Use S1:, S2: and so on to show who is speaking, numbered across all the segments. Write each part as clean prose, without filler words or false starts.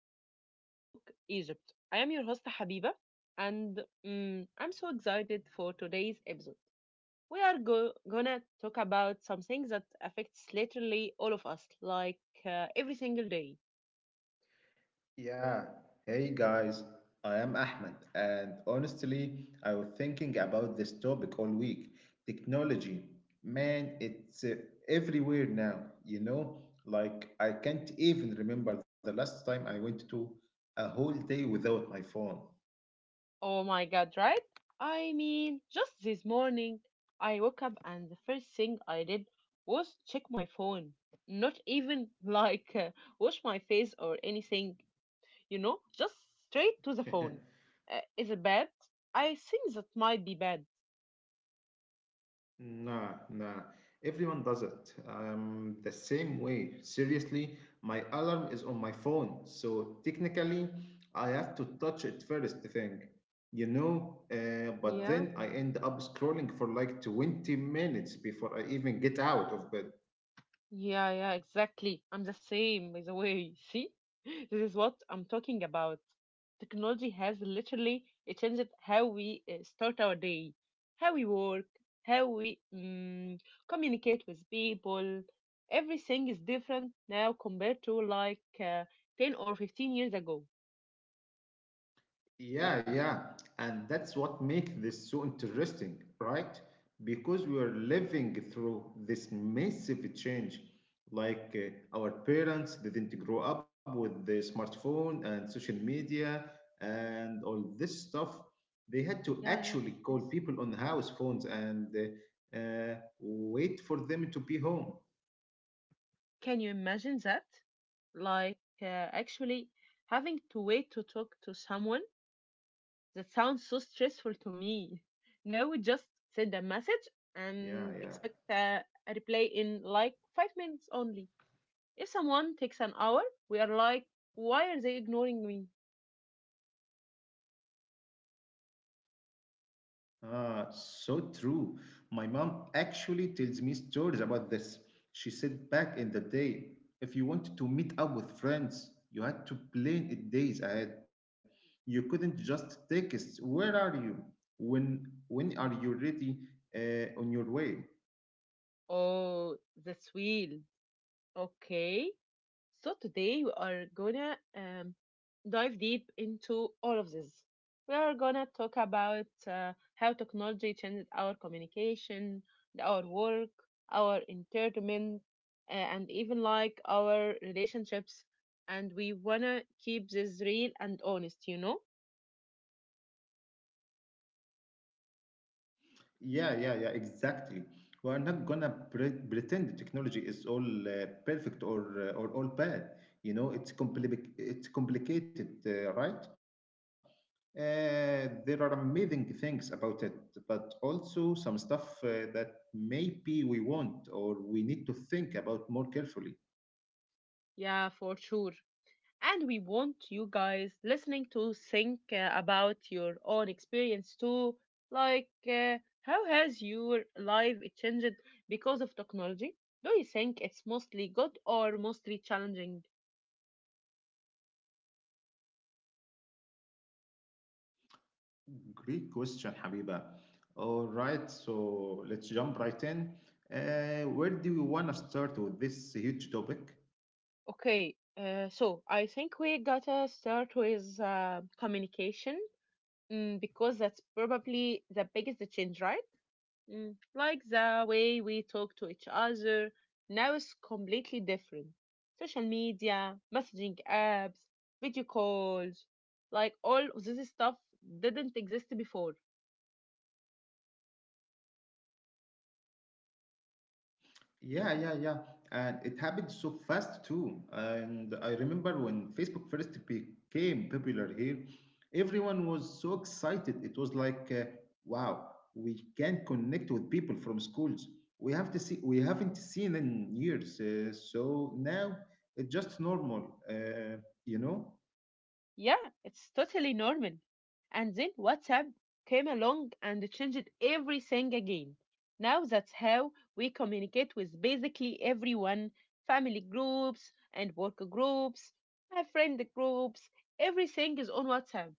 S1: to Tech Talk Egypt. I am your host Habiba, and I'm so excited for today's episode. Gonna talk about something that affects literally all of us, like every single day.
S2: Yeah. Hey guys, I am Ahmed, and honestly, I was thinking about this topic all week. Technology, man, it's everywhere now, you know? Like, I can't even remember the last time I went to a whole day without my phone.
S1: Oh my god, right? I mean, just this morning, I woke up and the first thing I did was check my phone. Not even like wash my face or anything. Just straight to the phone. Is it bad? I think that might be bad.
S2: Nah, nah. Everyone does it. The same way. Seriously, my alarm is on my phone, so technically, I have to touch it first thing, you know. But
S1: Yeah,
S2: then I end up scrolling for like 20 minutes before I even get out of bed.
S1: yeah, yeah, exactly. I'm the same, by the way. See, this is what I'm talking about. Technology has literally it changed how we start our day, how we work, how we communicate with people. Everything is different now compared to like 10 or 15 years ago.
S2: Yeah, yeah. And that's what makes this so interesting, right? Because we are living through this massive change. Like, our parents didn't grow up with the smartphone and social media and all this stuff. They had to
S1: Yeah, yeah.
S2: actually call
S1: Yes.
S2: people on house phones and wait for them to be home.
S1: Can you imagine that? Like, uh, Actually having to wait to talk to someone? That sounds so stressful to me. Now we just send a message
S2: Yeah,
S1: and
S2: yeah.
S1: expect a reply in like 5 minutes only. If someone takes an hour, we are like, why are they ignoring me?
S2: Ah, so true. My mom actually tells me stories about this. She said back in the day, if you wanted to meet up with friends, you had to plan it days ahead. You couldn't just text, "Where are you? When when are you ready? On your way."
S1: Oh, that's weird. Okay. So today we are gonna dive deep into all of this. We are gonna talk about how technology changes our communication, our work, our entertainment, and even like our relationships. And we wanna keep this real and honest, you know?
S2: Yeah, yeah, yeah, exactly. We are not gonna pretend the technology is all perfect or all bad. You know, it's it's complicated, right? There are amazing things about it, but also some stuff that maybe we want or we need to think about more carefully.
S1: Yeah, for sure. And we want you guys listening to think about your own experience too. How has your life changed because of technology? Do you think it's mostly good or mostly challenging?
S2: Great question, Habiba. All right, so let's jump right in. Where do you want to start with this huge topic?
S1: Okay, so I think we gotta start with communication because that's probably the biggest change, right? Like the way we talk to each other now is completely different. Social media, messaging apps, video calls, like all of this stuff didn't exist before.
S2: Yeah, yeah, yeah. And it happened so fast too. And I remember when Facebook first became popular here, everyone was so excited. It was like, wow, we can connect with people from schools. We have to see, we haven't seen in years. So now it's just normal, you know?
S1: Yeah, it's totally normal. And then WhatsApp came along and changed everything again. Now that's how we communicate with basically everyone, family groups and work groups, friend groups, everything is on WhatsApp.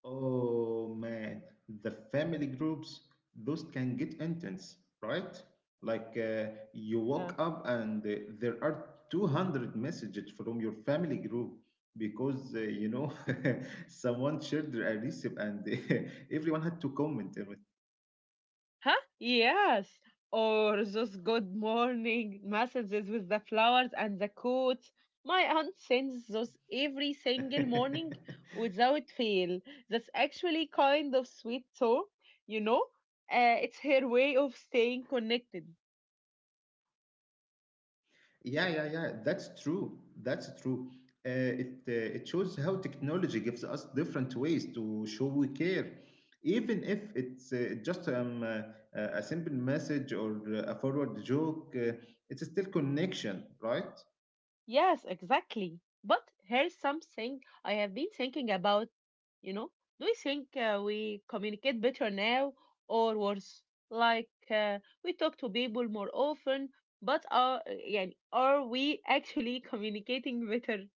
S2: Oh man, the family groups, those can get intense, right? Like, you woke up and there are 200 messages from your family group because you know someone shared a recipe and everyone had to comment on
S1: Huh? Yes. Or those good morning messages with the flowers and the quotes. My aunt sends those every single
S2: it.
S1: morning without fail. That's actually kind of sweet, so. You know, it's her way of staying connected.
S2: Yeah, yeah, yeah. That's true. That's true. Uh, it it shows how technology gives us different ways to show we care, even if it's just a simple message or a forward joke. It's still connection, right?
S1: Yes, exactly. But here's something I have been thinking about. You know, do you think we communicate better now or worse? Like uh, we talk to people more often, but are we actually communicating better?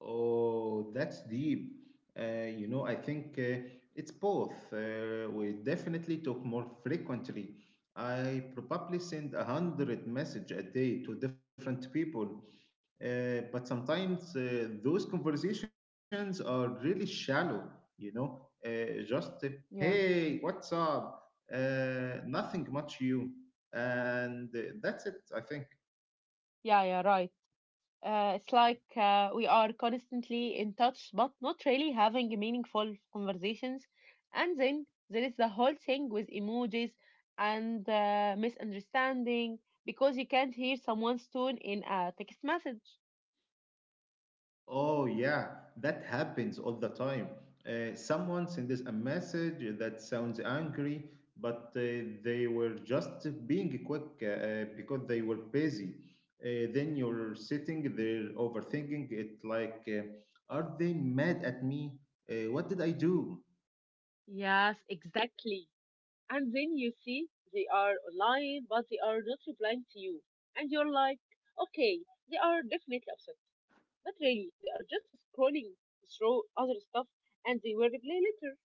S2: Oh, that's deep. You know, I think it's both. We definitely talk more frequently. I probably send a hundred message a day to different people, but sometimes those conversations are really shallow. You know, just
S1: Yeah,
S2: hey, what's up? Nothing much you, and that's it. I think.
S1: yeah, yeah, right. It's like we are constantly in touch, but not really having meaningful conversations. And then there is the whole thing with emojis and misunderstanding because you can't hear someone's tone in a text message.
S2: Oh, yeah, that happens all the time. Someone sends a message that sounds angry, but they were just being quick because they were busy. Then you're sitting there overthinking it like, are they mad at me? What did I do?
S1: Yes, exactly. And then you see they are online, but they are not replying to you. And you're like, okay, they are definitely upset. But really, they are just scrolling through other stuff and they will reply later.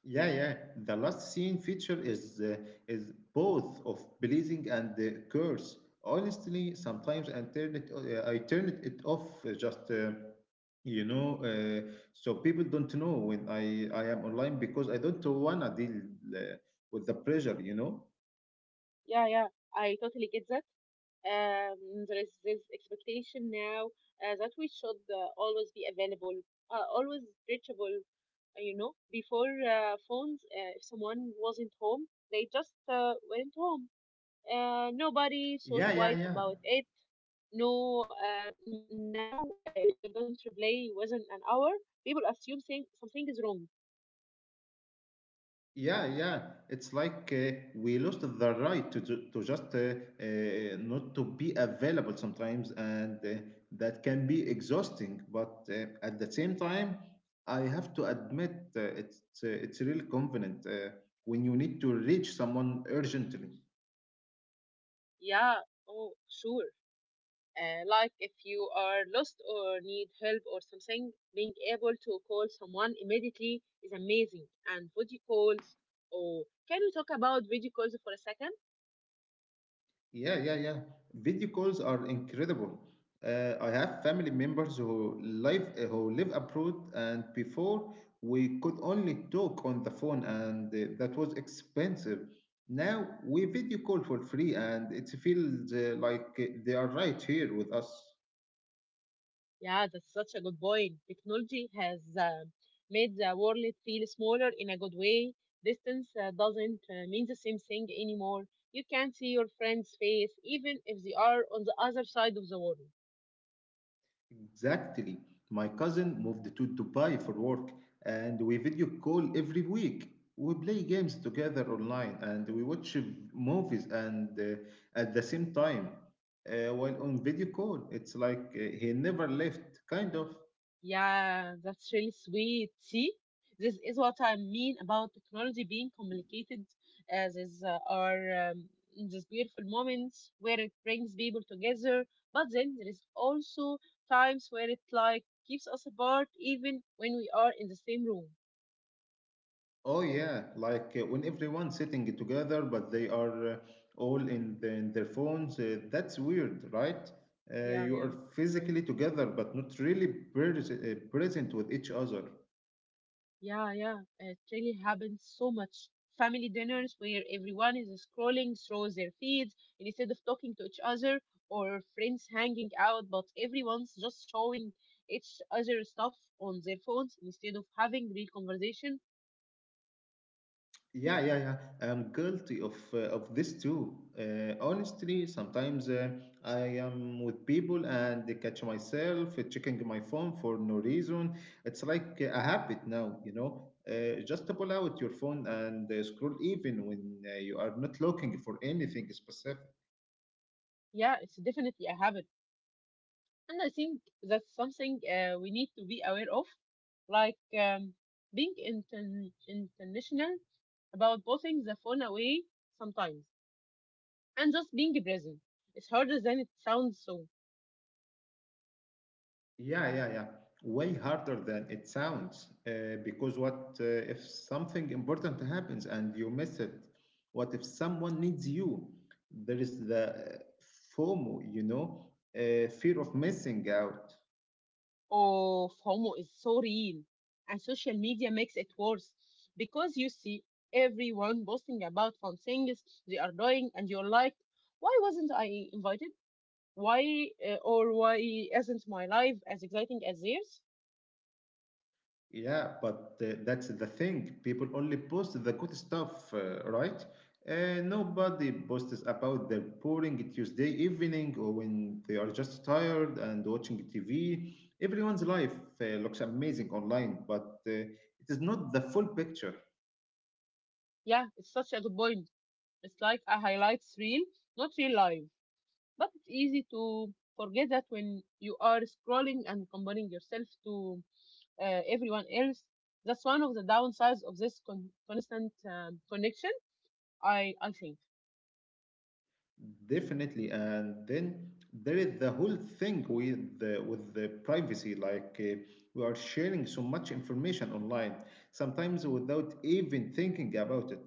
S2: Yeah, yeah. The last scene feature is both of blessing and curse. Honestly, sometimes I turn it off just you know so people don't know when I am online because I don't wanna deal uh, with the pressure. You know.
S1: Yeah, yeah, I totally get that. There is this expectation now that we should always be available, always reachable, you know. Before phones, if someone wasn't home, they just went home. Nobody thought
S2: Yeah, yeah,
S1: twice
S2: yeah.
S1: about it. No, now if you don't reply within an hour, people assume saying something is wrong.
S2: Yeah, yeah. It's like we lost the right to just not to be available sometimes, and that can be exhausting. But at the same time, I have to admit it's really convenient when you need to reach someone urgently.
S1: Yeah, oh, sure. Like if you are lost or need help or something, being able to call someone immediately is amazing. And video calls, or can we talk about video calls for a second?
S2: Yeah, yeah, yeah. Video calls are incredible. I have family members who live abroad, and before we could only talk on the phone, and that was expensive. Now we video call for free, and it feels like they are right here with us.
S1: Yeah, that's such a good point. Technology has made the world feel smaller in a good way. Distance doesn't mean the same thing anymore. You can see your friend's face even if they are on the other side of the world.
S2: Exactly. My cousin moved to Dubai for work, and we video call every week. We play games together online, and we watch movies and at the same time while on video call. It's like he never left, kind of.
S1: Yeah, that's really sweet. See, this is what I mean about technology being complicated. As these are These beautiful moments where it brings people together, but then there is also times where it like keeps us apart, even when we are in the same room.
S2: Oh yeah, like when everyone's sitting together, but they are all in their phones. That's weird, right?
S1: Yeah,
S2: You
S1: yeah,
S2: are
S1: right.
S2: physically together, but not really present with each other.
S1: Yeah, yeah, it really happens so much. Family dinners where everyone is scrolling through their feeds instead of talking to each other, or friends hanging out, but everyone's just showing each other stuff on their phones instead of having real conversation.
S2: Yeah, yeah, yeah. I'm guilty of this too. Honestly, sometimes I am with people and they catch myself checking my phone for no reason. It's like a habit now, you know. Just pull out your phone and scroll even when you are not looking for anything specific.
S1: Yeah, it's definitely a habit, and I think that's something we need to be aware of, like um, being intentional about putting the phone away sometimes. And just being present. It's harder than it sounds so.
S2: Yeah, yeah, yeah. Way harder than it sounds. Because what if something important happens and you miss it? What if someone needs you? There is the FOMO, you know, fear of missing out.
S1: Oh, FOMO is so real. And social media makes it worse because you see everyone boasting about fun things they are doing, and you're like, why wasn't I invited? Why isn't my life as exciting as theirs?
S2: Yeah, but that's the thing. People only post the good stuff, right? Nobody posts about their boring Tuesday evening or when they are just tired and watching TV. Everyone's life looks amazing online, but it is not the full picture.
S1: Yeah, it's such a good point. It's like a highlights reel, not real life. But it's easy to forget that when you are scrolling and comparing yourself to everyone else. That's one of the downsides of this constant connection. I think.
S2: Definitely, and then there is the whole thing with the privacy. Like we are sharing so much information online, sometimes without even thinking about it.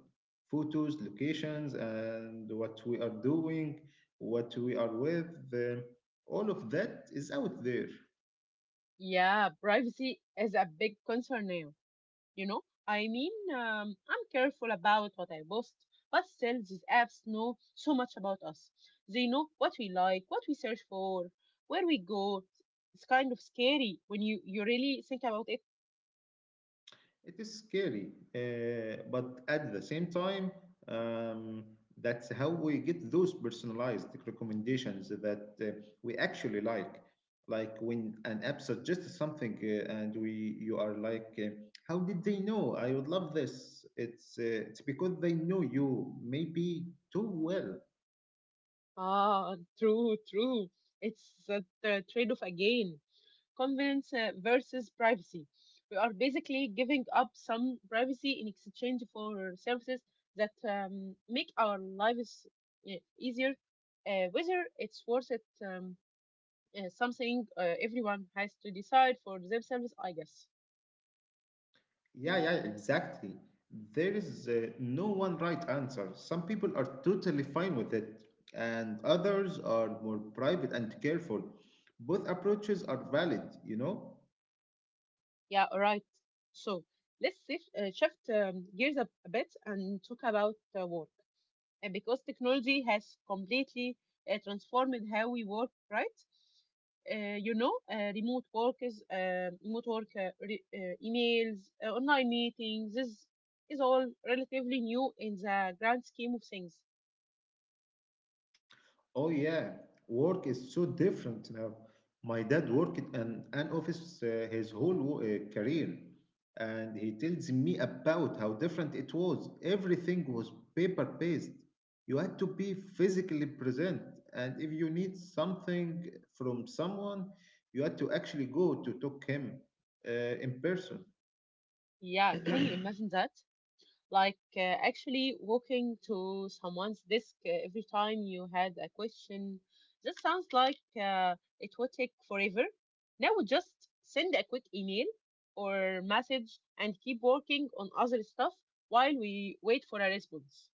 S2: Photos, locations, and what we are doing, what we are with, uh, all of that is out there.
S1: Yeah, privacy is a big concern now. You know, I mean, I'm careful about what I post, but still, these apps know so much about us. They know what we like, what we search for, where we go. It's kind of scary when you really think about it.
S2: It is scary, but at the same time, um, that's how we get those personalized recommendations that we actually like. Like when an app suggests something, and we you are like, "How did they know? I would love this." It's because they know you maybe too well.
S1: Ah, true, true. It's a trade-off again. Convenience versus privacy. We are basically giving up some privacy in exchange for services that make our lives easier. Whether it's worth it, something everyone has to decide for themselves, I guess.
S2: Yeah, yeah, exactly. There is no one right answer. Some people are totally fine with it, and others are more private and careful. Both approaches are valid, you know?
S1: Yeah, all right. So shift gears a bit and talk about work because technology has completely transformed how we work, right? Remote workers, remote work, emails, online meetings. This is all relatively new in the grand scheme of things.
S2: Oh yeah, work is so different now. My dad worked in an office his whole career, and he tells me about how different it was. Everything was paper-based. You had to be physically present, and if you need something from someone, you had to actually go to talk him uh, in person.
S1: Yeah, can you imagine that? Actually walking to someone's desk every time you had a question. That sounds like it would take forever. Now just send a quick email or message and keep working on other stuff while we wait for a response.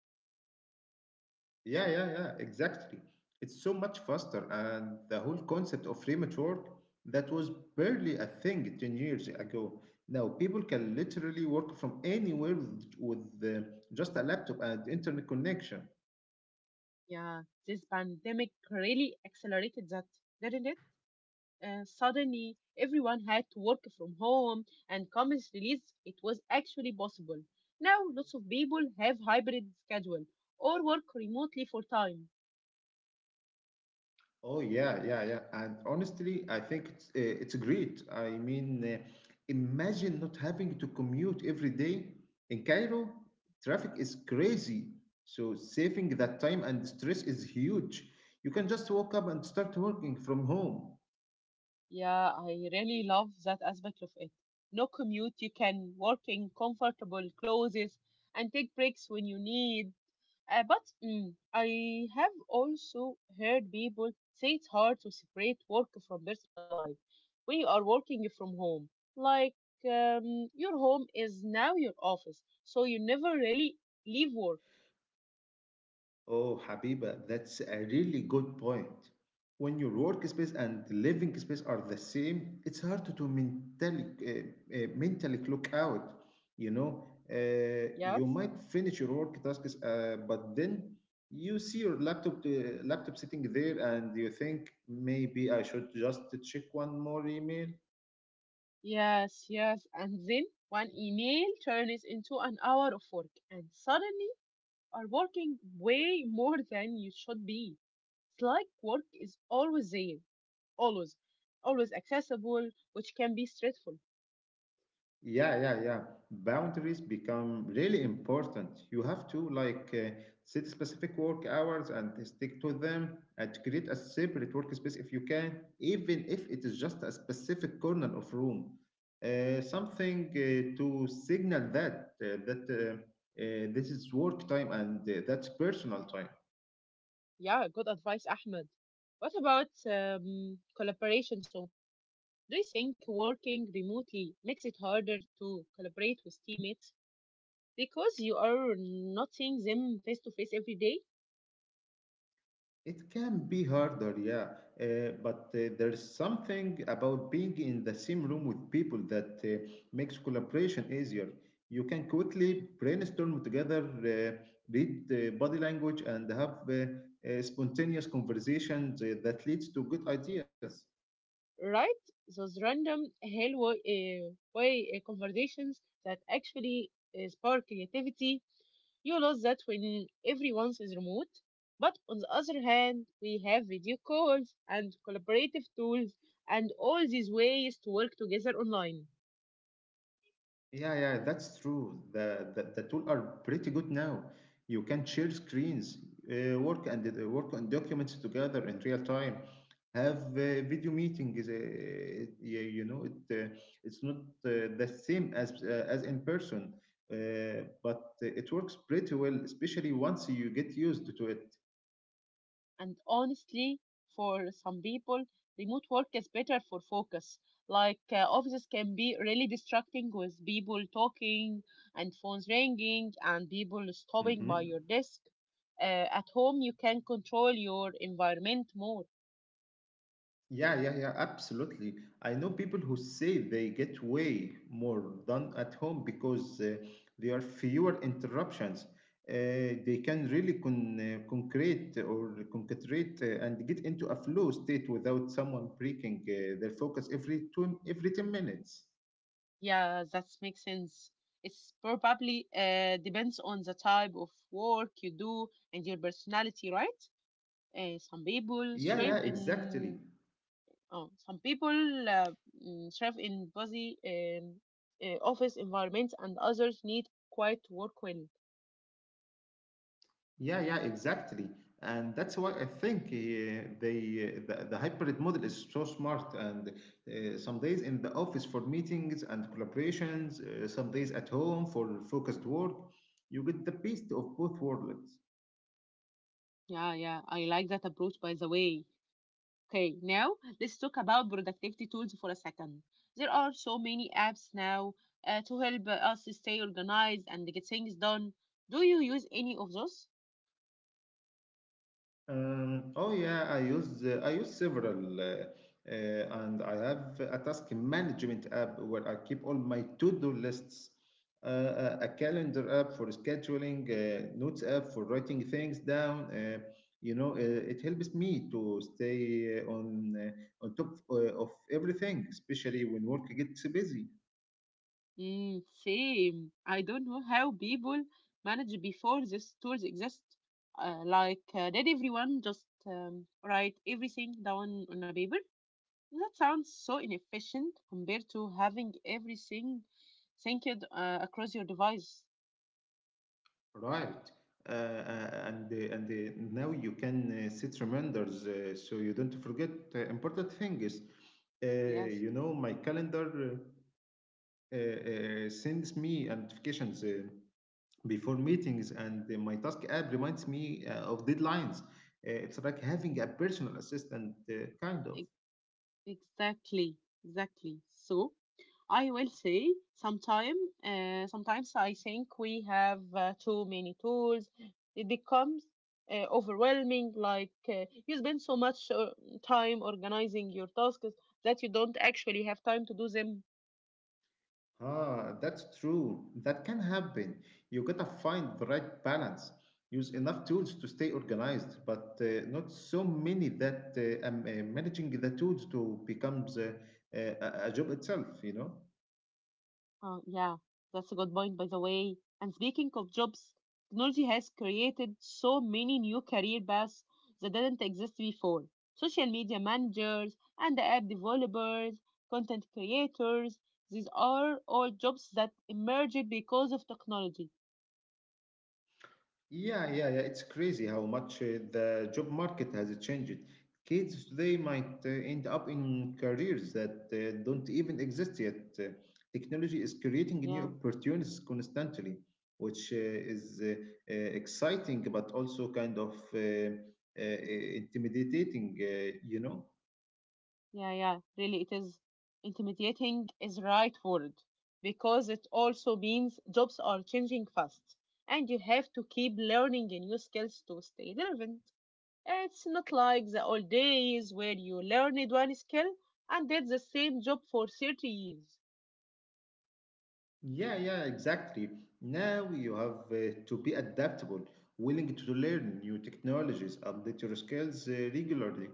S2: Yeah, yeah, yeah, exactly. It's so much faster, and the whole concept of remote work that was barely a thing 10 years ago. Now people can literally work from anywhere with just a laptop and internet connection.
S1: Yeah, this pandemic really accelerated that, didn't it? Suddenly everyone had to work from home and companies realized it was actually possible. Now lots of people have hybrid schedule or work remotely for time.
S2: Oh yeah, yeah, yeah. And honestly, I think it's great. I mean, imagine not having to commute every day. In Cairo, traffic is crazy. So saving that time and stress is huge. You can just walk up and start working from home.
S1: Yeah, I really love that aspect of it. No commute, you can work in comfortable clothes and take breaks when you need. But I have also heard people say it's hard to separate work from personal life. We are working from home. Like, your home is now your office, so you never really leave work.
S2: Oh, Habiba, that's a really good point. When your workspace and living space are the same, it's hard to mentally clock out. You know,
S1: Yes,
S2: you might finish your work tasks, but then you see your laptop sitting there, and you think maybe I should just check one more email.
S1: yes, yes. And then one email turns into an hour of work, and suddenly are working way more than you should be. It's like work is always there, always, always accessible, which can be stressful.
S2: Yeah, yeah, yeah. Boundaries become really important. You have to like set specific work hours and stick to them and create a separate workspace if you can, even if it is just a specific corner of room. Something to signal that that this is work time and that's personal time.
S1: Yeah, good advice, Ahmed. What about collaboration? So, do you think working remotely makes it harder to collaborate with teammates because you are not seeing them face to face every day,
S2: It can be harder, yeah, but there's something about being in the same room with people that makes collaboration easier. You can quickly brainstorm together, read body language, and have spontaneous conversations that leads to good ideas.
S1: right? Those random hello way conversations that actually spark creativity. You lose that when everyone is remote. But on the other hand, we have video calls and collaborative tools and all these ways to work together online.
S2: Yeah, yeah, that's true. The tool are pretty good now. You can share screens, work on documents together in real time. Have video meetings. It- you, you know, it uh, it's not the same as in person, but it works pretty well, especially once you get used to it.
S1: And honestly, for some people, remote work is better for focus. Offices can be really distracting with people talking and phones ringing and people stopping
S2: Hmm.
S1: by your desk. Uh, at home, you can control your environment more.
S2: Yeah, yeah, yeah, absolutely. I know people who say they get way more done at home because there are fewer interruptions. They can really con- concrete or concentrate and get into a flow state without someone breaking their focus every 10 minutes.
S1: Yeah, that makes sense. It's probably depends on the type of work you do and your personality, right? Some people
S2: Yeah, yeah,
S1: thrive
S2: exactly.
S1: in. Oh, some people thrive in busy office environments, and others need quiet work when.
S2: Yeah, yeah, exactly. And that's why I think the hybrid model is so smart. And some days in the office for meetings and collaborations, some days at home for focused work, you get the best of both worlds.
S1: Yeah, yeah, I like that approach, by the way. Okay, now let's talk about productivity tools for a second. There are so many apps now to help us stay organized and get things done. Do you use any of those?
S2: Oh yeah, I use several, and I have a task management app where I keep all my to-do lists, a calendar app for scheduling, notes app for writing things down. It helps me to stay on top of everything, especially when work gets busy.
S1: Mm, same. I don't know how people managed before these tools exist. Did everyone just write everything down on a paper? That sounds so inefficient compared to having everything synced across your device.
S2: Right. And Now you can set reminders so you don't forget important things.
S1: Yes,
S2: You know, my calendar sends me notifications before meetings, and my task app reminds me of deadlines. It's like having a personal assistant, kind of.
S1: e- Exactly, exactly. So I will say sometime, sometimes I think we have too many tools. It becomes overwhelming, you spend so much time organizing your tasks that you don't actually have time to do them.
S2: Ah, that's true. That can happen. You gotta find the right balance. Use enough tools to stay organized, but not so many that managing the tools to becomes a, a job itself, you know?
S1: Oh, yeah, that's a good point, by the way. And speaking of jobs, technology has created so many new career paths that didn't exist before. Social media managers and app developers, content creators, these are all jobs that emerged because of technology.
S2: Yeah, yeah, yeah. It's crazy how much the job market has changed. Kids today might end up in careers that don't even exist yet. Technology is creating new
S1: Yeah,
S2: opportunities constantly, which is exciting but also kind of intimidating, you know.
S1: yeah. Really, it is intimidating is the right word because it also means jobs are changing fast and you have to keep learning new skills to stay relevant. It's not like the old days where you learned one skill and did the same job for 30 years.
S2: Yeah, yeah, exactly. Now you have to be adaptable, willing to learn new technologies, update your skills regularly.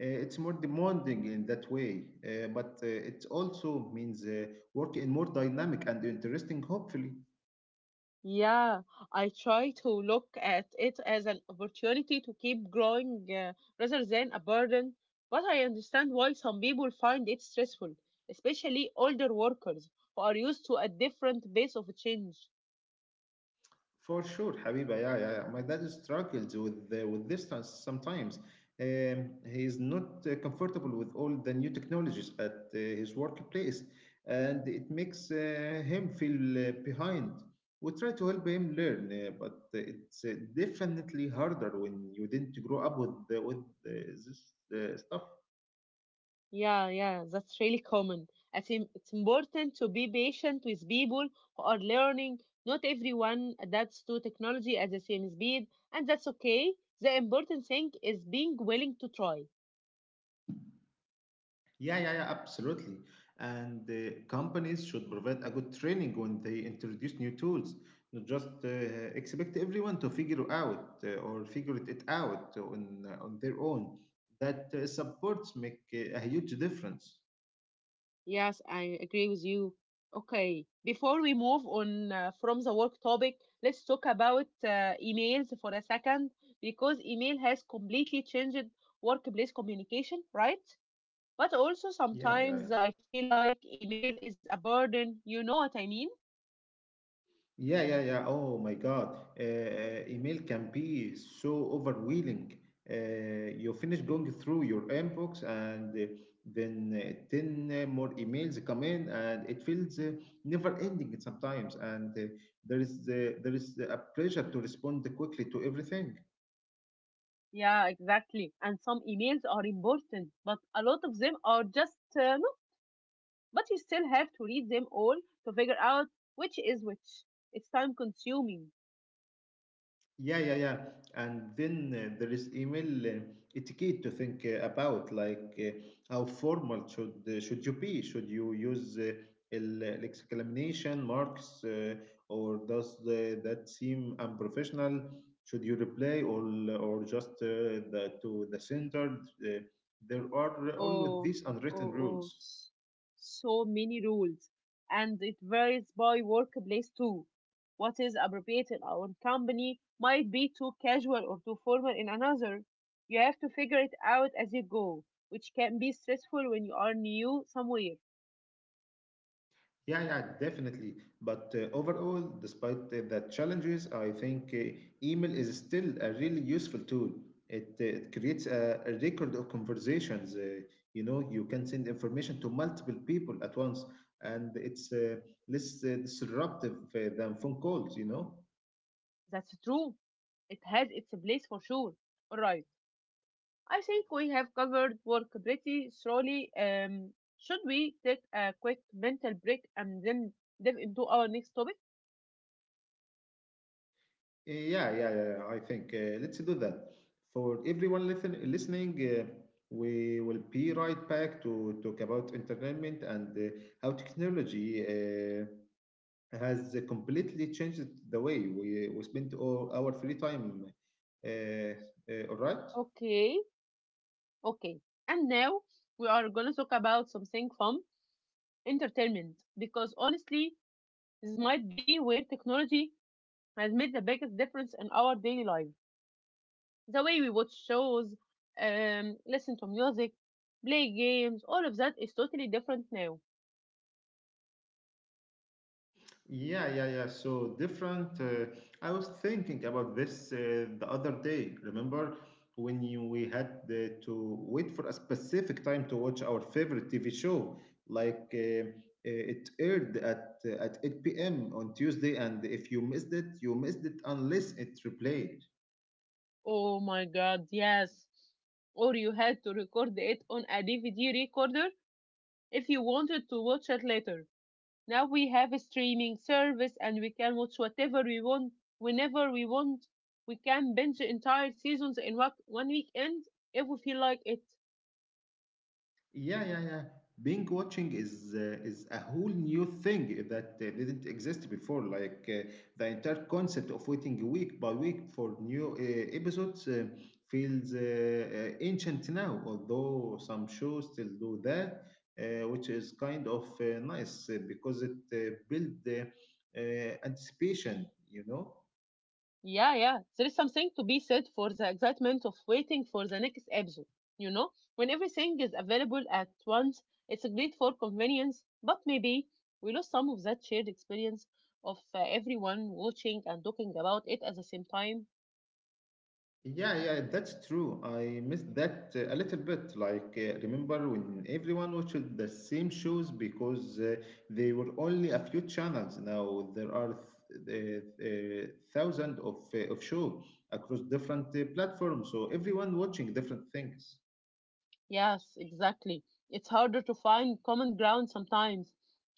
S2: It's more demanding in that way, but it also means work in more dynamic and interesting, hopefully.
S1: Yeah, I try to look at it as an opportunity to keep growing rather than a burden, but I understand why some people find it stressful, especially older workers who are used to a different pace of change.
S2: For sure, Habiba. Yeah, yeah, yeah. My dad struggles with distance sometimes. He is not comfortable with all the new technologies at his workplace, and it makes him feel behind. We try to help him learn, but it's definitely harder when you didn't grow up with the, with this stuff.
S1: Yeah, that's really common. I think it's important to be patient with people who are learning. Not everyone adapts to technology at the same speed, and that's okay. The important thing is being willing to try.
S2: Yeah, yeah, yeah, absolutely. And companies should provide a good training when they introduce new tools, not just expect everyone to figure out or figure it out on their own. That supports make a huge difference.
S1: Yes, I agree with you. Okay, before we move on from the work topic, let's talk about emails for a second because email has completely changed workplace communication, right? But also
S2: Yeah, yeah, yeah.
S1: sometimes I feel like email is a burden. You know what I mean?
S2: Yeah, yeah, yeah. Oh my God. Email can be so overwhelming. Uh, you finish going through your inbox, and then 10 more emails come in, and it feels never ending sometimes. And there is a pressure to respond quickly to everything.
S1: Yeah, exactly. And some emails are important, but a lot of them are just no. But you still have to read them all to figure out which is which. It's time consuming.
S2: Yeah, yeah, yeah. And then there is email etiquette to think about, like how formal should you be? Should you use exclamation marks, or does that seem unprofessional? Should you reply or just to the center? Uh, there are always
S1: Oh,
S2: these
S1: oh,
S2: unwritten
S1: oh,
S2: rules.
S1: s- so many rules. And it varies by workplace too. What is appropriate in one company might be too casual or too formal in another. You have to figure it out as you go, which can be stressful when you are new somewhere.
S2: Yeah, yeah, definitely. But overall, despite the challenges, I think email is still a really useful tool. It creates a record of conversations. You know, you can send information to multiple people at once, and it's less disruptive than phone calls, you know?
S1: That's true. It has its place for sure. Alright, I think we have covered work pretty thoroughly. Should we take a quick mental break and then dive into our next topic?
S2: Yeah, yeah, yeah, yeah, I think. Let's do that. For everyone listening, we will be right back to talk about entertainment and how technology has completely changed the way we spend all our free time. Uh, all right.
S1: Okay, okay. And now we are going to talk about something fun entertainment, because honestly, this might be where technology has made the biggest difference in our daily life. The way we watch shows, listen to music, play games, all of that is totally different now.
S2: Yeah, yeah, yeah. So different. I was thinking about this the other day. Remember we had to wait for a specific time to watch our favorite TV show? It aired at 8 p.m. on Tuesday, and if you missed it, you missed it unless it replayed.
S1: Oh my god, yes. Or you had to record it on a DVD recorder if you wanted to watch it later. Now we have a streaming service and we can watch whatever we want, whenever we want. We can binge entire seasons in one weekend if we feel like it.
S2: Yeah, yeah, yeah. Binge watching is a whole new thing that didn't exist before. The entire concept of waiting week by week for new episodes feels ancient now. Although some shows still do that, which is kind of nice because it builds anticipation. You know.
S1: Yeah. There is something to be said for the excitement of waiting for the next episode. You know, when everything is available at once, it's great for convenience, but maybe we lose some of that shared experience of everyone watching and talking about it at the same time.
S2: Yeah, yeah, that's true. I missed that a little bit. Remember when everyone watched the same shows because they were only a few channels. Now there are th- uh, uh, thousands of show across different platforms, so everyone watching different things.
S1: Yes, exactly. It's harder to find common ground sometimes.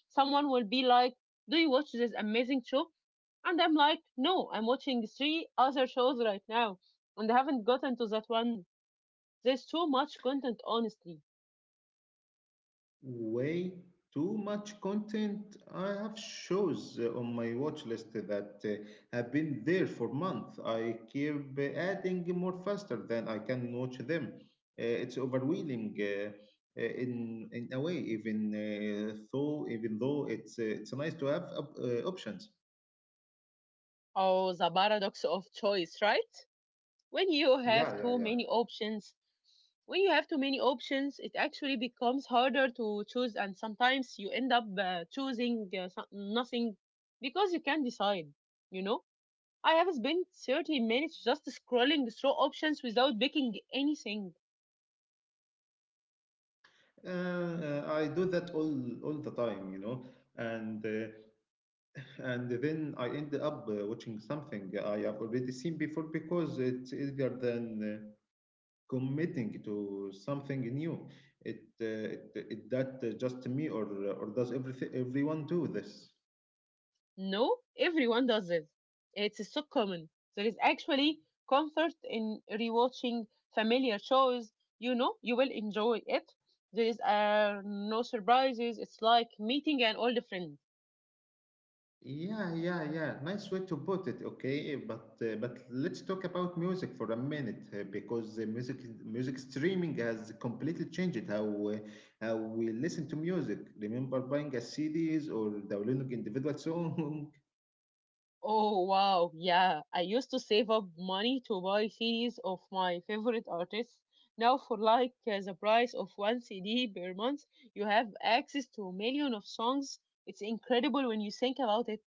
S1: Someone will be like, do you watch this amazing show? And I'm like, no, I'm watching three other shows right now, and I haven't gotten to that one. There's too much content, honestly.
S2: Way too much content. I have shows on my watch list that have been there for months. I keep adding more faster than I can watch them. It's overwhelming in a way, even though it's nice to have options.
S1: Oh, the paradox of choice, right? When you
S2: Yeah,
S1: have
S2: yeah,
S1: too
S2: yeah.
S1: many options, when you have too many options, it actually becomes harder to choose, and sometimes you end up choosing nothing because you can't decide, you know? I have spent 30 minutes just scrolling through options without picking anything.
S2: I do that all the time, you know, and. Uh, and then I end up watching something I have already seen before because it's easier than committing to something new. It that just me or does everything everyone do this?
S1: No, everyone does it. It's so common. There is actually comfort in rewatching familiar shows. You know, you will enjoy it. There is no surprises. It's like meeting an old friend.
S2: Yeah, yeah, yeah. Nice way to put it. Okay, but let's talk about music for a minute because music music streaming has completely changed how we listen to music. Remember buying a CDs or downloading individual songs.
S1: Oh wow, yeah. I used to save up money to buy CDs of my favorite artists. Now for like the price of one CD per month, you have access to a million of songs. It's incredible when you think about it.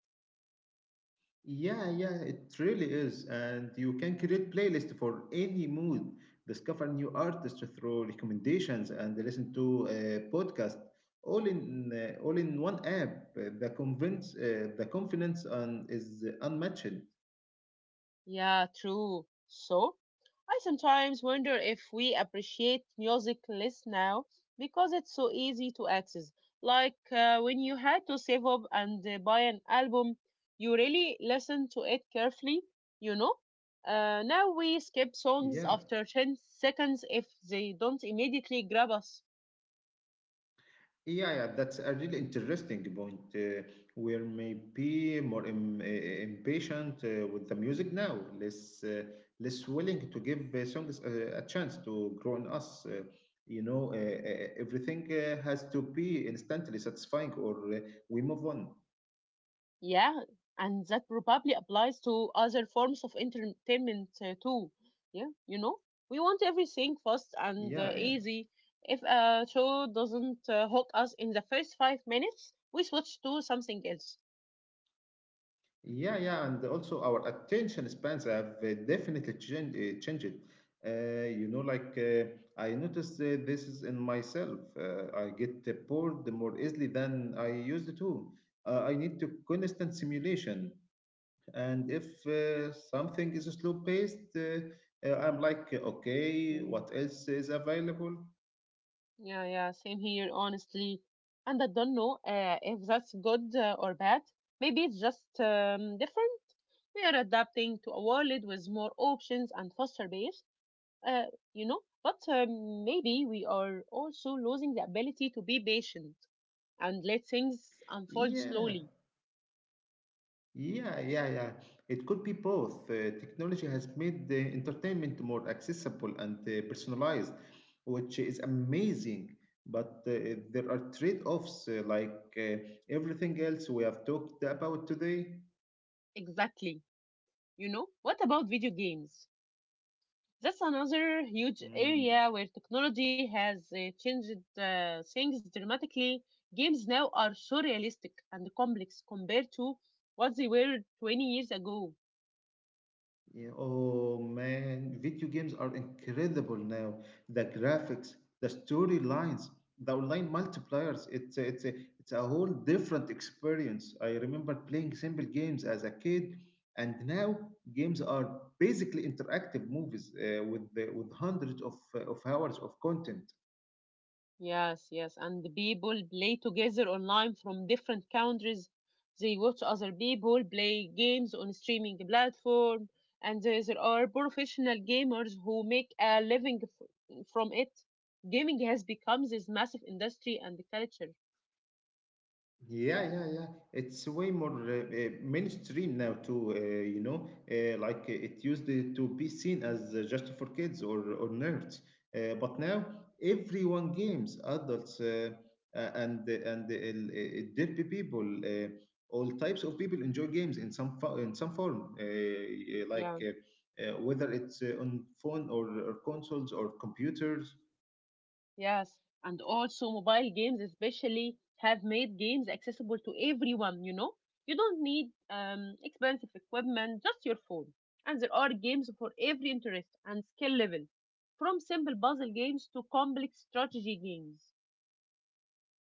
S2: Yeah, yeah, it really is. And you can create playlist for any mood, discover new artists through recommendations and listen to a podcast all in all in one app. The convince the confidence on is unmatched.
S1: Yeah, true. So, I sometimes wonder if we appreciate music less now because it's so easy to access. Like when you had to save up and buy an album, you really listened to it carefully, you know? Now we skip songs
S2: Yeah.
S1: after 10 seconds if they don't immediately grab us.
S2: Yeah, yeah, that's a really interesting point. We're maybe more impatient with the music now, less less willing to give songs a chance to grow in us. Everything has to be instantly satisfying, or we move on.
S1: Yeah, and that probably applies to other forms of entertainment too. Yeah, you know, we want everything fast and
S2: Yeah, yeah.
S1: easy. If a show doesn't hook us in the first 5 minutes, we switch to something else.
S2: Yeah, yeah, and also our attention spans have definitely changed. Uh, you know, like uh, I noticed this is in myself. I get bored more easily than I used to. I need to constant simulation, and if something is slow paced, I'm like, okay,
S1: Mhm.
S2: what else is available?
S1: Yeah, same here, honestly. And I don't know if that's good or bad. Maybe it's just different. We are adapting to a world with more options and faster pace. uh, you know, but maybe we are also losing the ability to be patient and let things unfold
S2: Yeah,
S1: slowly
S2: yeah, yeah, yeah. It could be both. Technology has made the entertainment more accessible and personalized, which is amazing. But there are trade-offs, everything else we have talked about today.
S1: exactly. You know, what about video games? That's another huge
S2: Mm.
S1: area where technology has changed things dramatically. Games now are so realistic and complex compared to what they were 20 years ago.
S2: Yeah, oh man, video games are incredible now. The graphics, the storylines, the online multipliers, it's a whole different experience. I remember playing simple games as a kid, and now games are basically interactive movies with with hundreds of hours of content.
S1: Yes, yes. And the people play together online from different countries. They watch other people play games on streaming platform, and there are professional gamers who make a living from it. Gaming has become this massive industry and culture.
S2: Yeah, yeah, yeah. It's way more mainstream now too. It used to be seen as just for kids or nerds, but now everyone games, adults and derpy people, all types of people enjoy games in in some form,
S1: Yeah.
S2: whether it's on phone or consoles or computers.
S1: Yes, and also mobile games especially have made games accessible to everyone, you know? You don't need expensive equipment, just your phone. And there are games for every interest and skill level, from simple puzzle games to complex strategy games.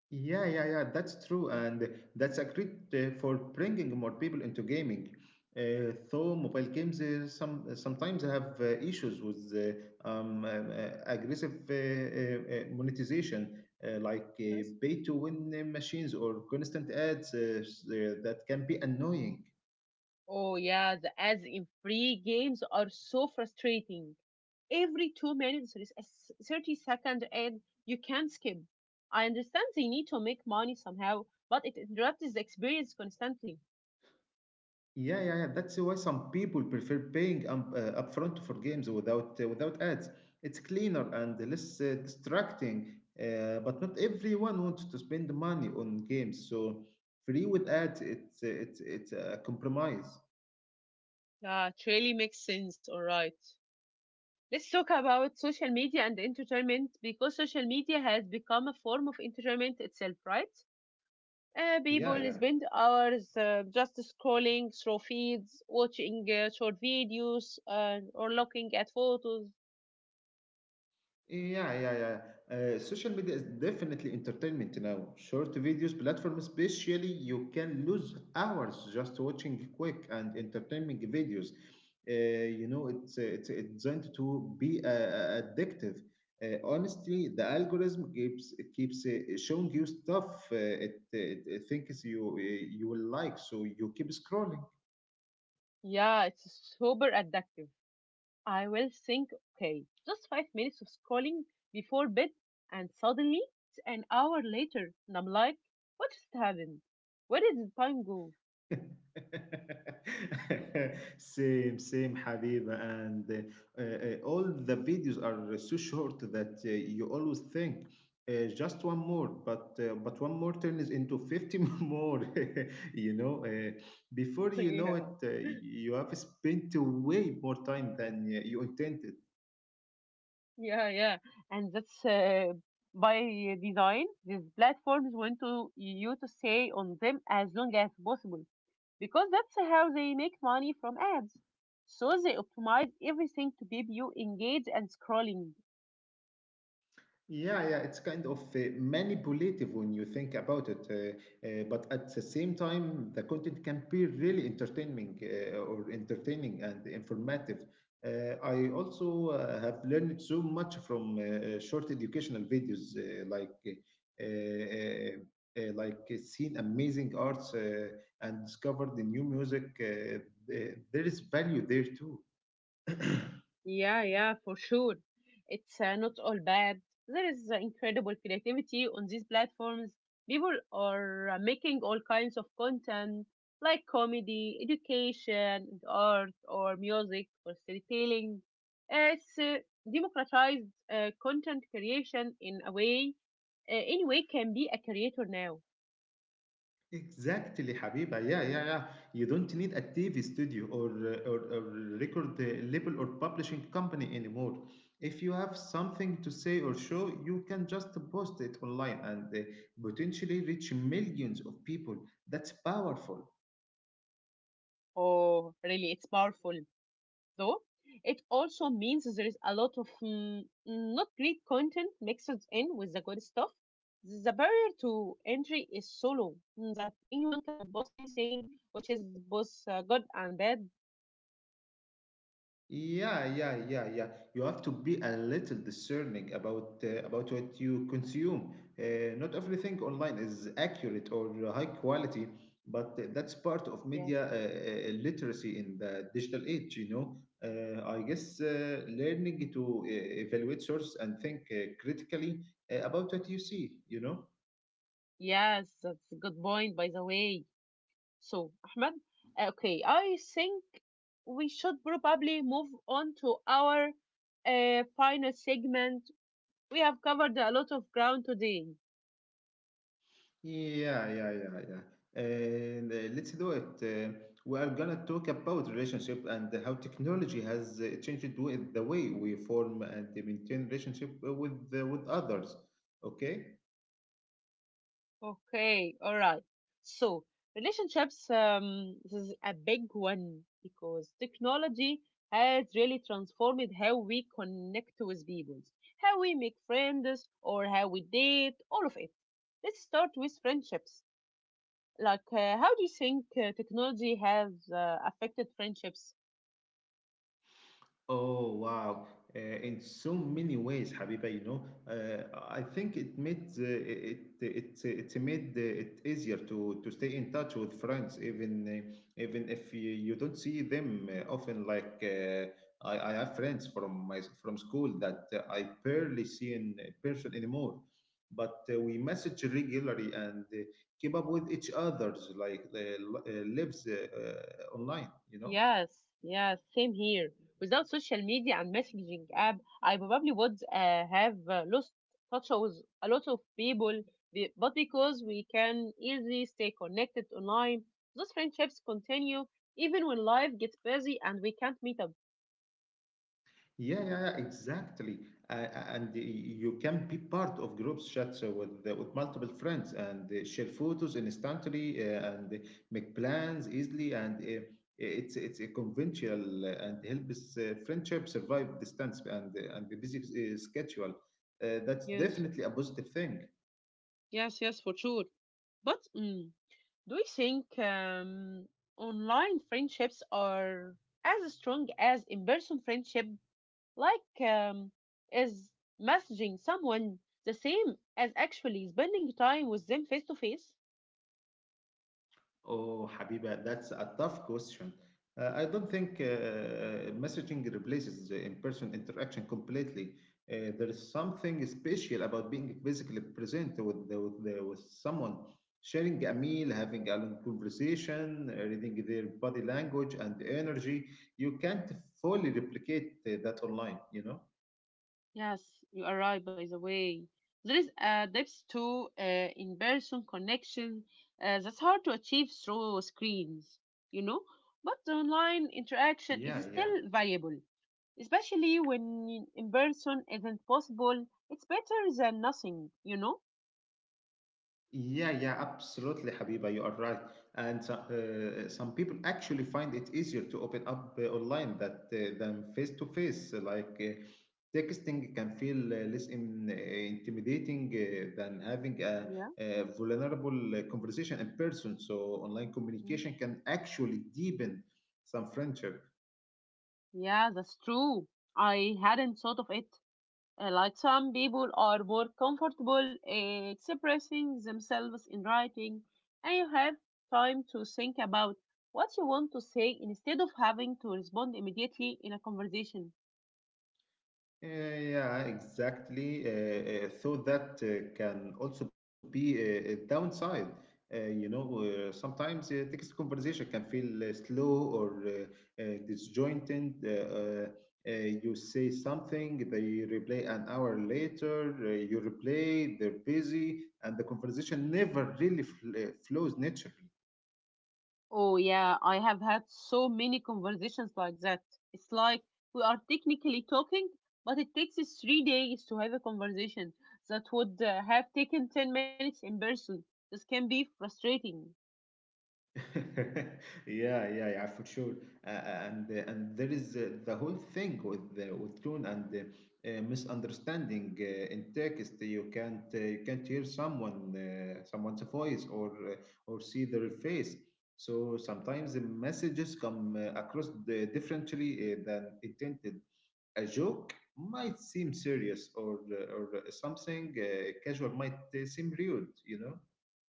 S2: Yeah, yeah, yeah, that's true. And that's a great for bringing more people into gaming. Though mobile games sometimes have issues with aggressive monetization,
S1: Yes.
S2: pay to win machines or constant ads that can be annoying.
S1: Oh yeah, the ads in free games are so frustrating. Every 2 minutes there is a 30-second ad you can skip. I understand they need to make money somehow, but it interrupts the experience constantly.
S2: Yeah, yeah, yeah. That's why some people prefer paying upfront for games without without ads. It's cleaner and less distracting. But not everyone wants to spend money on games, so free with ads, it's a compromise.
S1: Yeah, it really makes sense. All right. Let's talk about social media and entertainment, because social media has become a form of entertainment itself, right?
S2: Yeah,
S1: People
S2: yeah.
S1: spend hours just scrolling through feeds, watching short videos or looking at photos.
S2: Yeah, yeah, yeah. Social media is definitely entertainment now. Short videos platform, especially, you can lose hours just watching quick and entertaining videos. Uh, it's designed to be addictive. Honestly, the algorithm keeps showing you stuff it thinks you you will like, so you keep scrolling.
S1: Yeah, it's super addictive. I will think, okay, just 5 minutes of scrolling before bed, and suddenly it's an hour later, and I'm like, what just happened? Where did the time go?
S2: Same, same, Habiba. And all the videos are so short that you always think just one more, but one more turns into 50 more. You know, before you know
S1: yeah,
S2: it, you have spent way more time than you intended.
S1: yeah. And that's by design. These platforms want to you to stay on them as long as possible because that's how they make money from ads. So they optimize everything to keep you engaged and scrolling.
S2: Yeah, yeah, it's kind of manipulative when you think about it, but at the same time, the content can be really entertaining or entertaining and informative. I also have learned so much from short educational videos, seen amazing arts and discovered the new music. There is value there too.
S1: Yeah, for sure. It's not all bad. There is incredible creativity on these platforms. People are making all kinds of content like comedy, education, and art, or music, or storytelling. It's democratized content creation in a way. Any way can be a creator now.
S2: Exactly, Habiba. Yeah, yeah, yeah. You don't need a TV studio or or record label or publishing company anymore. If you have something to say or show, you can just post it online and potentially reach millions of people. That's powerful.
S1: Oh, really, it's powerful, though it also means there is a lot of not great content mixed in with the good stuff. The barrier to entry is so low that anyone can post anything, which is both good and bad.
S2: Yeah, yeah, yeah, yeah. You have to be a little discerning about what you consume. Not everything online is accurate or high quality, but that's part
S1: Yes,
S2: of media literacy in the digital age. I guess learning to evaluate source and think critically about what you see. You know.
S1: yes, that's a good point, by the way. So, Ahmed, okay, I think we should probably move on to our final segment. We have covered a lot of ground today.
S2: Yeah, yeah, yeah, yeah. And let's do it. We are gonna talk about relationship and how technology has changed with the way we form and maintain relationship with others. Okay?
S1: Okay, all right. So, relationships, this is a big one because technology has really transformed how we connect with people, how we make friends, or how we date, all of it. Let's start with friendships. Like, how do you think technology has affected friendships?
S2: Oh wow! In so many ways, Habiba, you know, uh, I think it made it easier to stay in touch with friends, even even if you don't see them often. Like I have friends from my from school that I barely see in person anymore, but we message regularly and keep up with each other's like lives online, you know.
S1: Yes, yes, same here. Without social media and messaging app, I probably would have lost touch with a lot of people, but because we can easily stay connected online, those friendships continue even when life gets busy and we can't meet up.
S2: Yeah, yeah, yeah, exactly. Uh, and you can be part of groups chats with multiple friends and share photos instantly and make plans easily. And it's a conventional and helps friendship survive distance and the busy schedule. That's
S1: Yes,
S2: definitely a positive thing.
S1: yes, for sure. But do you think online friendships are as strong as in-person friendship? Like, is messaging someone the same as actually spending time with them face to face?
S2: Oh, Habiba, that's a tough question. I don't think messaging replaces the in-person interaction completely. There is something special about being physically present with someone, sharing a meal, having a long conversation, reading their body language and energy. You can't fully replicate that online, you know?
S1: Yes, you are right, by the way. There is a depth to in person connection that's hard to achieve through screens, you know? But the online interaction
S2: Yeah,
S1: is
S2: yeah.
S1: still valuable, especially when in person isn't possible. It's better than nothing, you know?
S2: Yeah, yeah, absolutely, Habiba. You are right. And so, some people actually find it easier to open up online that, than face to face. Like texting can feel less intimidating than having
S1: Yeah.
S2: a vulnerable conversation in person. So, online
S1: Mm.
S2: communication can actually deepen some friendship.
S1: Yeah, that's true. I hadn't thought of it. Like, some people are more comfortable expressing themselves in writing, and you have time to think about what you want to say instead of having to respond immediately in a conversation.
S2: Yeah, exactly. So that can also be a downside. You know, sometimes text conversation can feel slow or disjointed. Uh, you say something, they reply an hour later, you reply, they're busy, and the conversation never really flows naturally.
S1: Oh, yeah, I have had so many conversations like that. It's like we are technically talking, but it takes us 3 days to have a conversation that would have taken 10 minutes in person. This can be frustrating.
S2: yeah, yeah, yeah, for sure. Uh, and and there is the whole thing with tone and misunderstanding in text. You can't hear someone someone's voice or see their face. So sometimes the messages come across the differently than intended. A joke might seem serious, or something casual might seem rude. You know.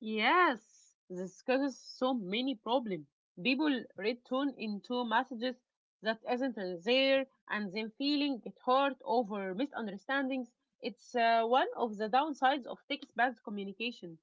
S1: Yes, this causes so many problems. People return into messages that isn't there and then feeling get hurt over misunderstandings. It's one of the downsides of text-based communication.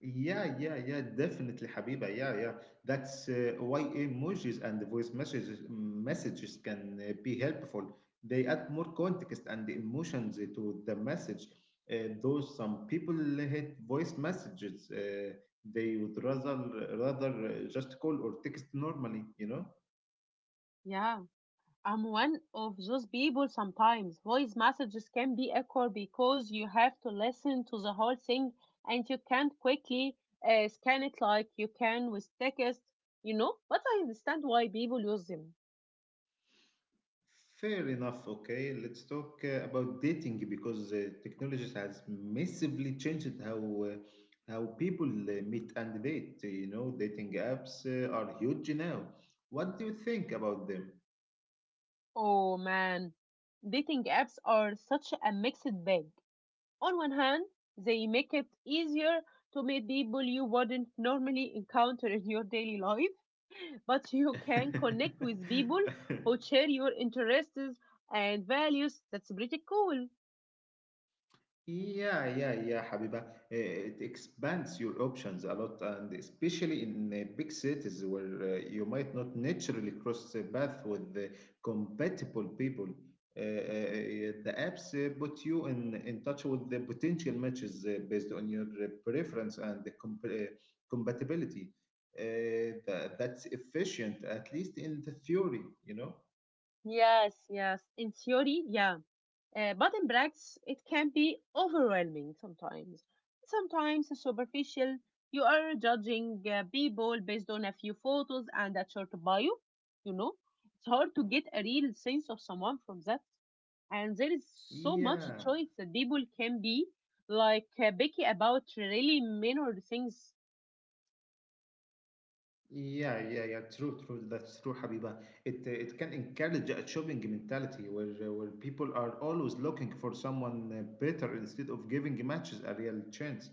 S2: Yeah, yeah, yeah, definitely, Habiba. Yeah, yeah. That's why emojis and the voice messages can be helpful. They add more context and emotions to the message. Though some people hate voice messages, they would rather just call or text normally, you know?
S1: Yeah, I'm one of those people sometimes. Voice messages can be awkward because you have to listen to the whole thing and you can't quickly scan it like you can with text, you know? But I understand why people use them.
S2: Fair enough. Okay, let's talk about dating because technology has massively changed uh, how people meet and date. You know, dating apps are huge now. What do you think about them?
S1: Oh man, dating apps are such a mixed bag. On one hand, they make it easier to meet people you wouldn't normally encounter in your daily life, but you can connect with people who share your interests and values. That's pretty cool.
S2: Yeah, yeah, yeah, Habiba. It expands your options a lot, and especially in big cities where you might not naturally cross the path with the compatible people. The apps put you in touch with the potential matches based on your preference and the compatibility. That's efficient, at least in the theory, you know?
S1: Yes, yes. In theory, yeah. But in practice, it can be overwhelming sometimes. Sometimes superficial. You are judging people based on a few photos and a short bio. You know, it's hard to get a real sense of someone from that. And there is so much
S2: Yeah.
S1: choice that people can be picky about really minor things.
S2: Yeah, yeah, yeah. True, true. That's true, Habiba. It can encourage a shopping mentality where people are always looking for someone better instead of giving matches a real chance.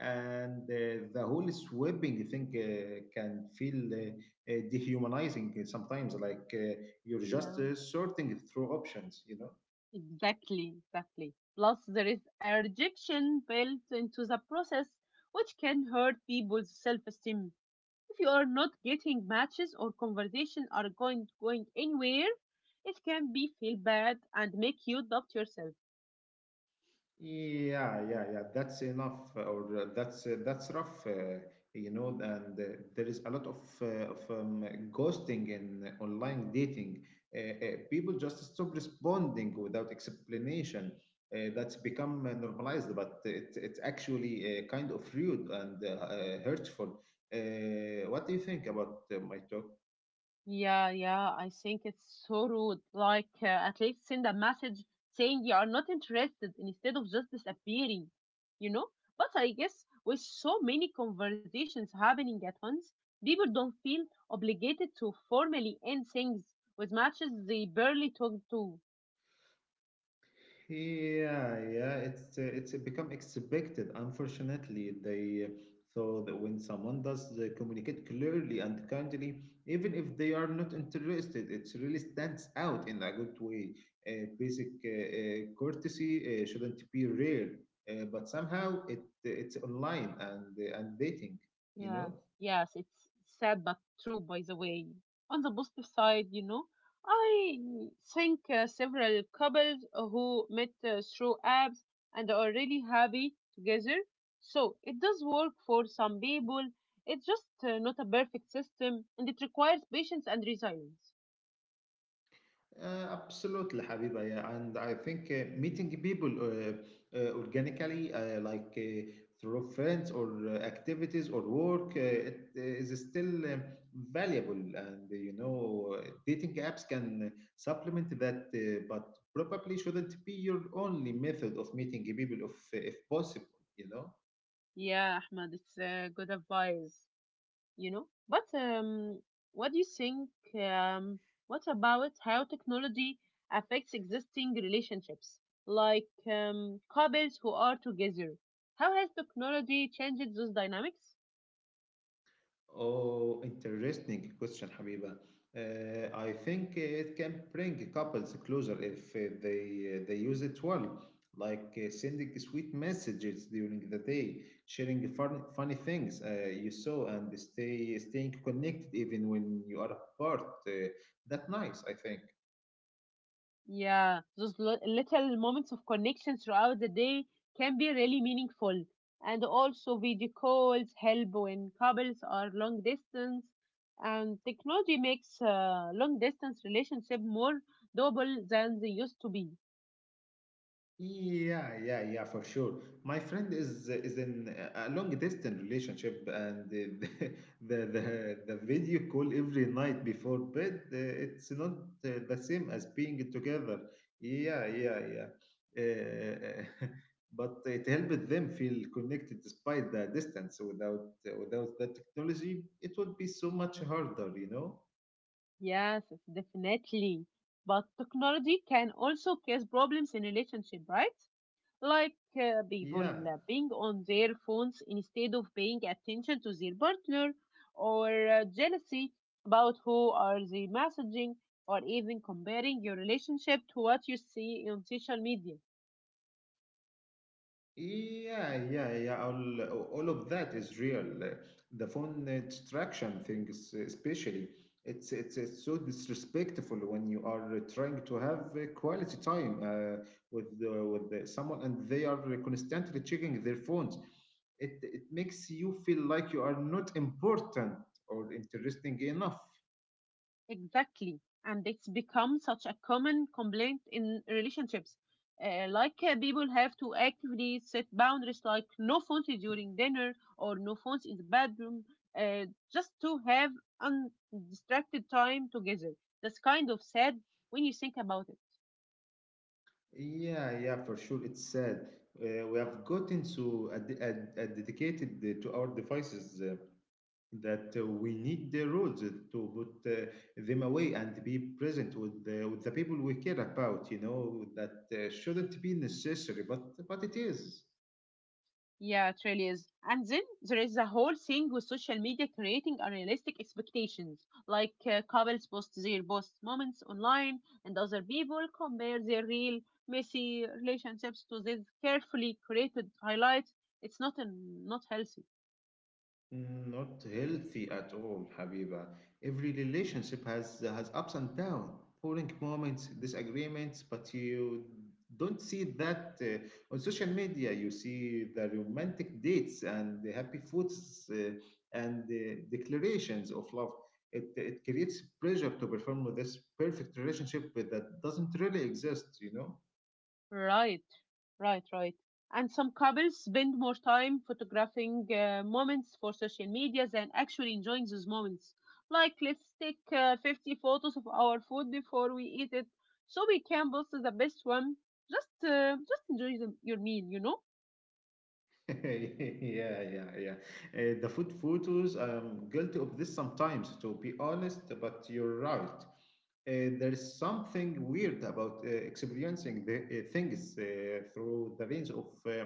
S2: And the whole swapping thing can feel dehumanizing sometimes, like you're just
S1: Yeah,
S2: sorting through options, you know.
S1: exactly, exactly. Plus, there is a rejection built into the process, which can hurt people's self-esteem. If you are not getting matches or conversations are going anywhere, it can be feel bad and make you doubt yourself.
S2: Yeah, yeah, yeah. That's enough, or that's rough, you know. And there is a lot of ghosting in online dating. Uh, People just stop responding without explanation. That's become normalized, but it's actually kind of rude and hurtful. What do you think about my talk?
S1: Yeah, yeah, I think it's so rude. At least send a message saying you are not interested instead of just disappearing, you know? But I guess with so many conversations happening at once, people don't feel obligated to formally end things with matches they barely talk to.
S2: Yeah, yeah, it's become expected. Unfortunately, they so that when someone does communicate clearly and kindly, even if they are not interested, it really stands out in a good way. Basic courtesy shouldn't be rare, but somehow it's online and dating, you know.
S1: Yes, yes, it's sad but true, by the way. On the positive side, you know, I think several couples who met through apps and are really happy together. So it does work for some people. It's just not a perfect system and it requires patience and resilience.
S2: Absolutely, Habiba. Yeah, and I think meeting people organically, like through friends or activities or work, it is still valuable. And you know, dating apps can supplement that, but probably shouldn't be your only method of meeting people, if possible. You know.
S1: Yeah, Ahmad, it's good advice, you know. But what do you think? Um, what about how technology affects existing relationships, like couples who are together? How has technology changed those dynamics?
S2: Oh, interesting question, Habiba. I think it can bring couples closer if they use it well, like sending sweet messages during the day, sharing fun, funny things you saw, and staying connected even when you are apart. That nice, I think.
S1: Yeah, those little moments of connection throughout the day can be really meaningful. And also, video calls help when couples are long distance, and technology makes long distance relationship more doable than they used to be.
S2: Yeah, yeah, yeah, for sure. My friend is in a long distance relationship, and the the video call every night before bed. It's not the same as being together. Yeah, yeah, yeah. Uh, but it helped them feel connected despite the distance. Without the technology, it would be so much harder, you know.
S1: Yes, yes, definitely. But technology can also cause problems in relationship, right? Like people
S2: Yeah.
S1: being on their phones instead of paying attention to their partner, or jealousy about who are they messaging, or even comparing your relationship to what you see on social media.
S2: Yeah, yeah, yeah. All of that is real. The phone distraction thing, is- especially, it's so disrespectful when you are trying to have quality time with the, someone and they are constantly checking their phones. It makes you feel like you are not important or interesting enough.
S1: Exactly. And it's become such a common complaint in relationships. People have to actively set boundaries like no phones during dinner or no phones in the bedroom uh, just to have undistracted time together. That's kind of sad when you think about it.
S2: Yeah, yeah, for sure. It's sad. We have gotten so dedicated to our devices. That We need the rules to put them away and be present with the people we care about, you know? That shouldn't be necessary but it is.
S1: Yeah, it really is. And then there is a whole thing with social media creating unrealistic expectations, like couples post their best moments online, and other people compare their real messy relationships to these carefully created highlights. It's not healthy.
S2: Not healthy at all, Habiba. Every relationship has ups and downs, boring moments, disagreements, but you don't see that on social media. You see the romantic dates and the happy foods and the declarations of love. It creates pressure to perform this perfect relationship that doesn't really exist, you know?
S1: Right, right, right. And some couples spend more time photographing moments for social media than actually enjoying those moments. Like, let's take 50 photos of our food before we eat it, so we can post the best one. Just enjoy your meal, you know.
S2: yeah, yeah, yeah. The food photos, I'm guilty of this sometimes, to be honest, but you're right. There's something weird about experiencing the things through the lens of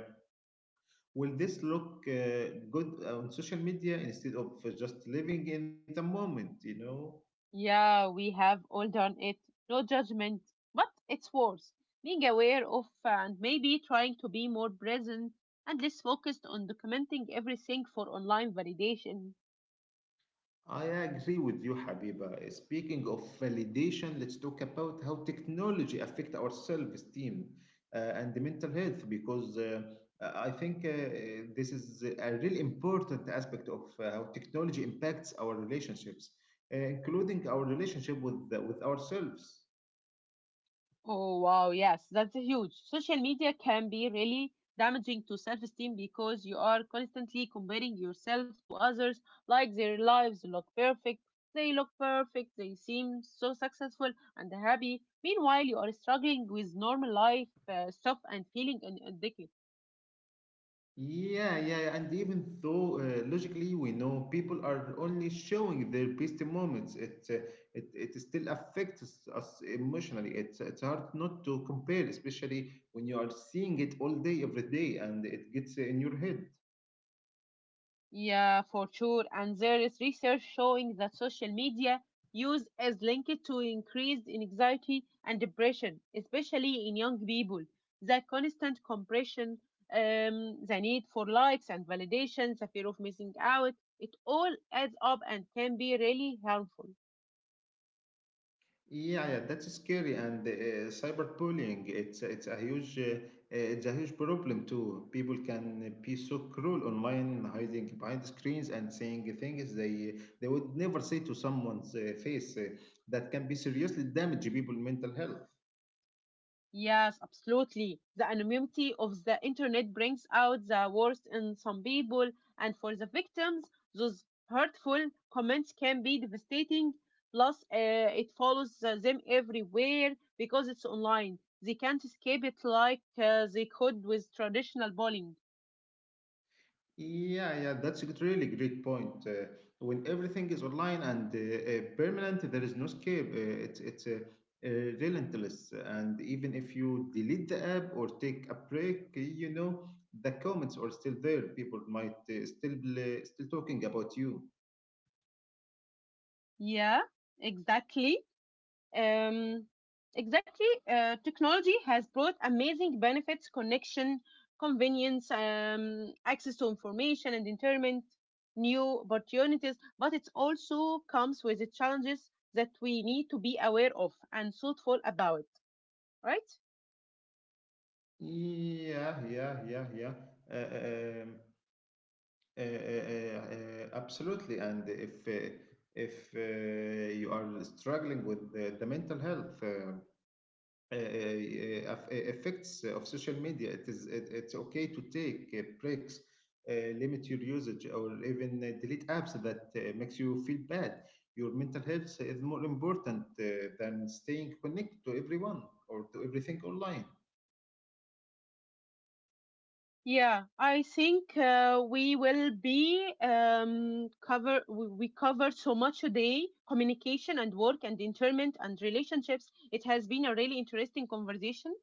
S2: will this look good on social media instead of just living in the moment, you know?
S1: Yeah, we have all done it. No judgment, but it's worth being aware of and maybe trying to be more present and less focused on documenting everything for online validation.
S2: I agree with you, Habiba. Speaking of validation, let's talk about how technology affect our self-esteem and the mental health because I think this is a really important aspect of how technology impacts our relationships, including our relationship with ourselves.
S1: Oh, wow. Yes, that's huge. Social media can be really damaging to self esteem because you are constantly comparing yourself to others, like their lives look perfect, they seem so successful and happy. Meanwhile, you are struggling with normal life stuff and feeling inadequate.
S2: Yeah, yeah, and even though logically we know people are only showing their best moments, it it still affects us emotionally. It's hard not to compare, especially when you are seeing it all day, every day, and it gets in your head.
S1: Yeah, for sure. And there is research showing that social media use is linked to increased anxiety and depression, especially in young people. The constant compression, the need for likes and validation, the fear of missing out, it all adds up and can be really harmful.
S2: Yeah, yeah, that's scary. And cyberbullying, it's a huge it's a huge problem too. People can be so cruel online, hiding behind screens and saying things they would never say to someone's face. That can be seriously damage people' mental health.
S1: Yes, absolutely. The anonymity of the internet brings out the worst in some people, and for the victims, those hurtful comments can be devastating. Plus, it follows them everywhere because it's online. They can't escape it like they could with traditional bullying.
S2: Yeah, yeah, that's a really great point. When everything is online and permanent, there is no escape. It's uh, relentless, and even if you delete the app or take a break, you know the comments are still there. People might still still talking about you.
S1: Yeah, exactly. Um, exactly. Technology has brought amazing benefits, connection, convenience, access to information and entertainment, new opportunities, but it also comes with the challenges that we need to be aware of and thoughtful about, right?
S2: Yeah, yeah, yeah, yeah. Uh, uh, um, Absolutely. And if you are struggling with the mental health. Uh, Effects of social media. It's okay to take breaks, uh, limit your usage, or even delete apps that makes you feel bad. Your mental health is more important than staying connected to everyone or to everything online.
S1: Yeah, I think we will be cover we covered so much today, communication and work and entertainment, and relationships. It has been a really interesting conversation.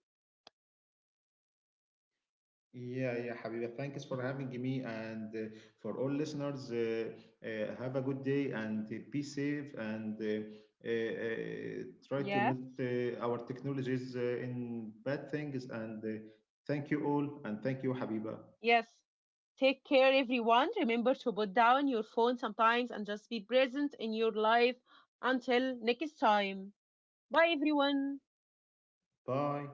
S2: Yeah, yeah, Habiba. Thanks for having me. And for all listeners, have a good day and be safe and try to
S1: Yes,
S2: not our technologies in bad things. And thank you all. And thank you, Habiba.
S1: yes. Take care, everyone. Remember to put down your phone sometimes and just be present in your life until next time. Bye, everyone.
S2: Bye.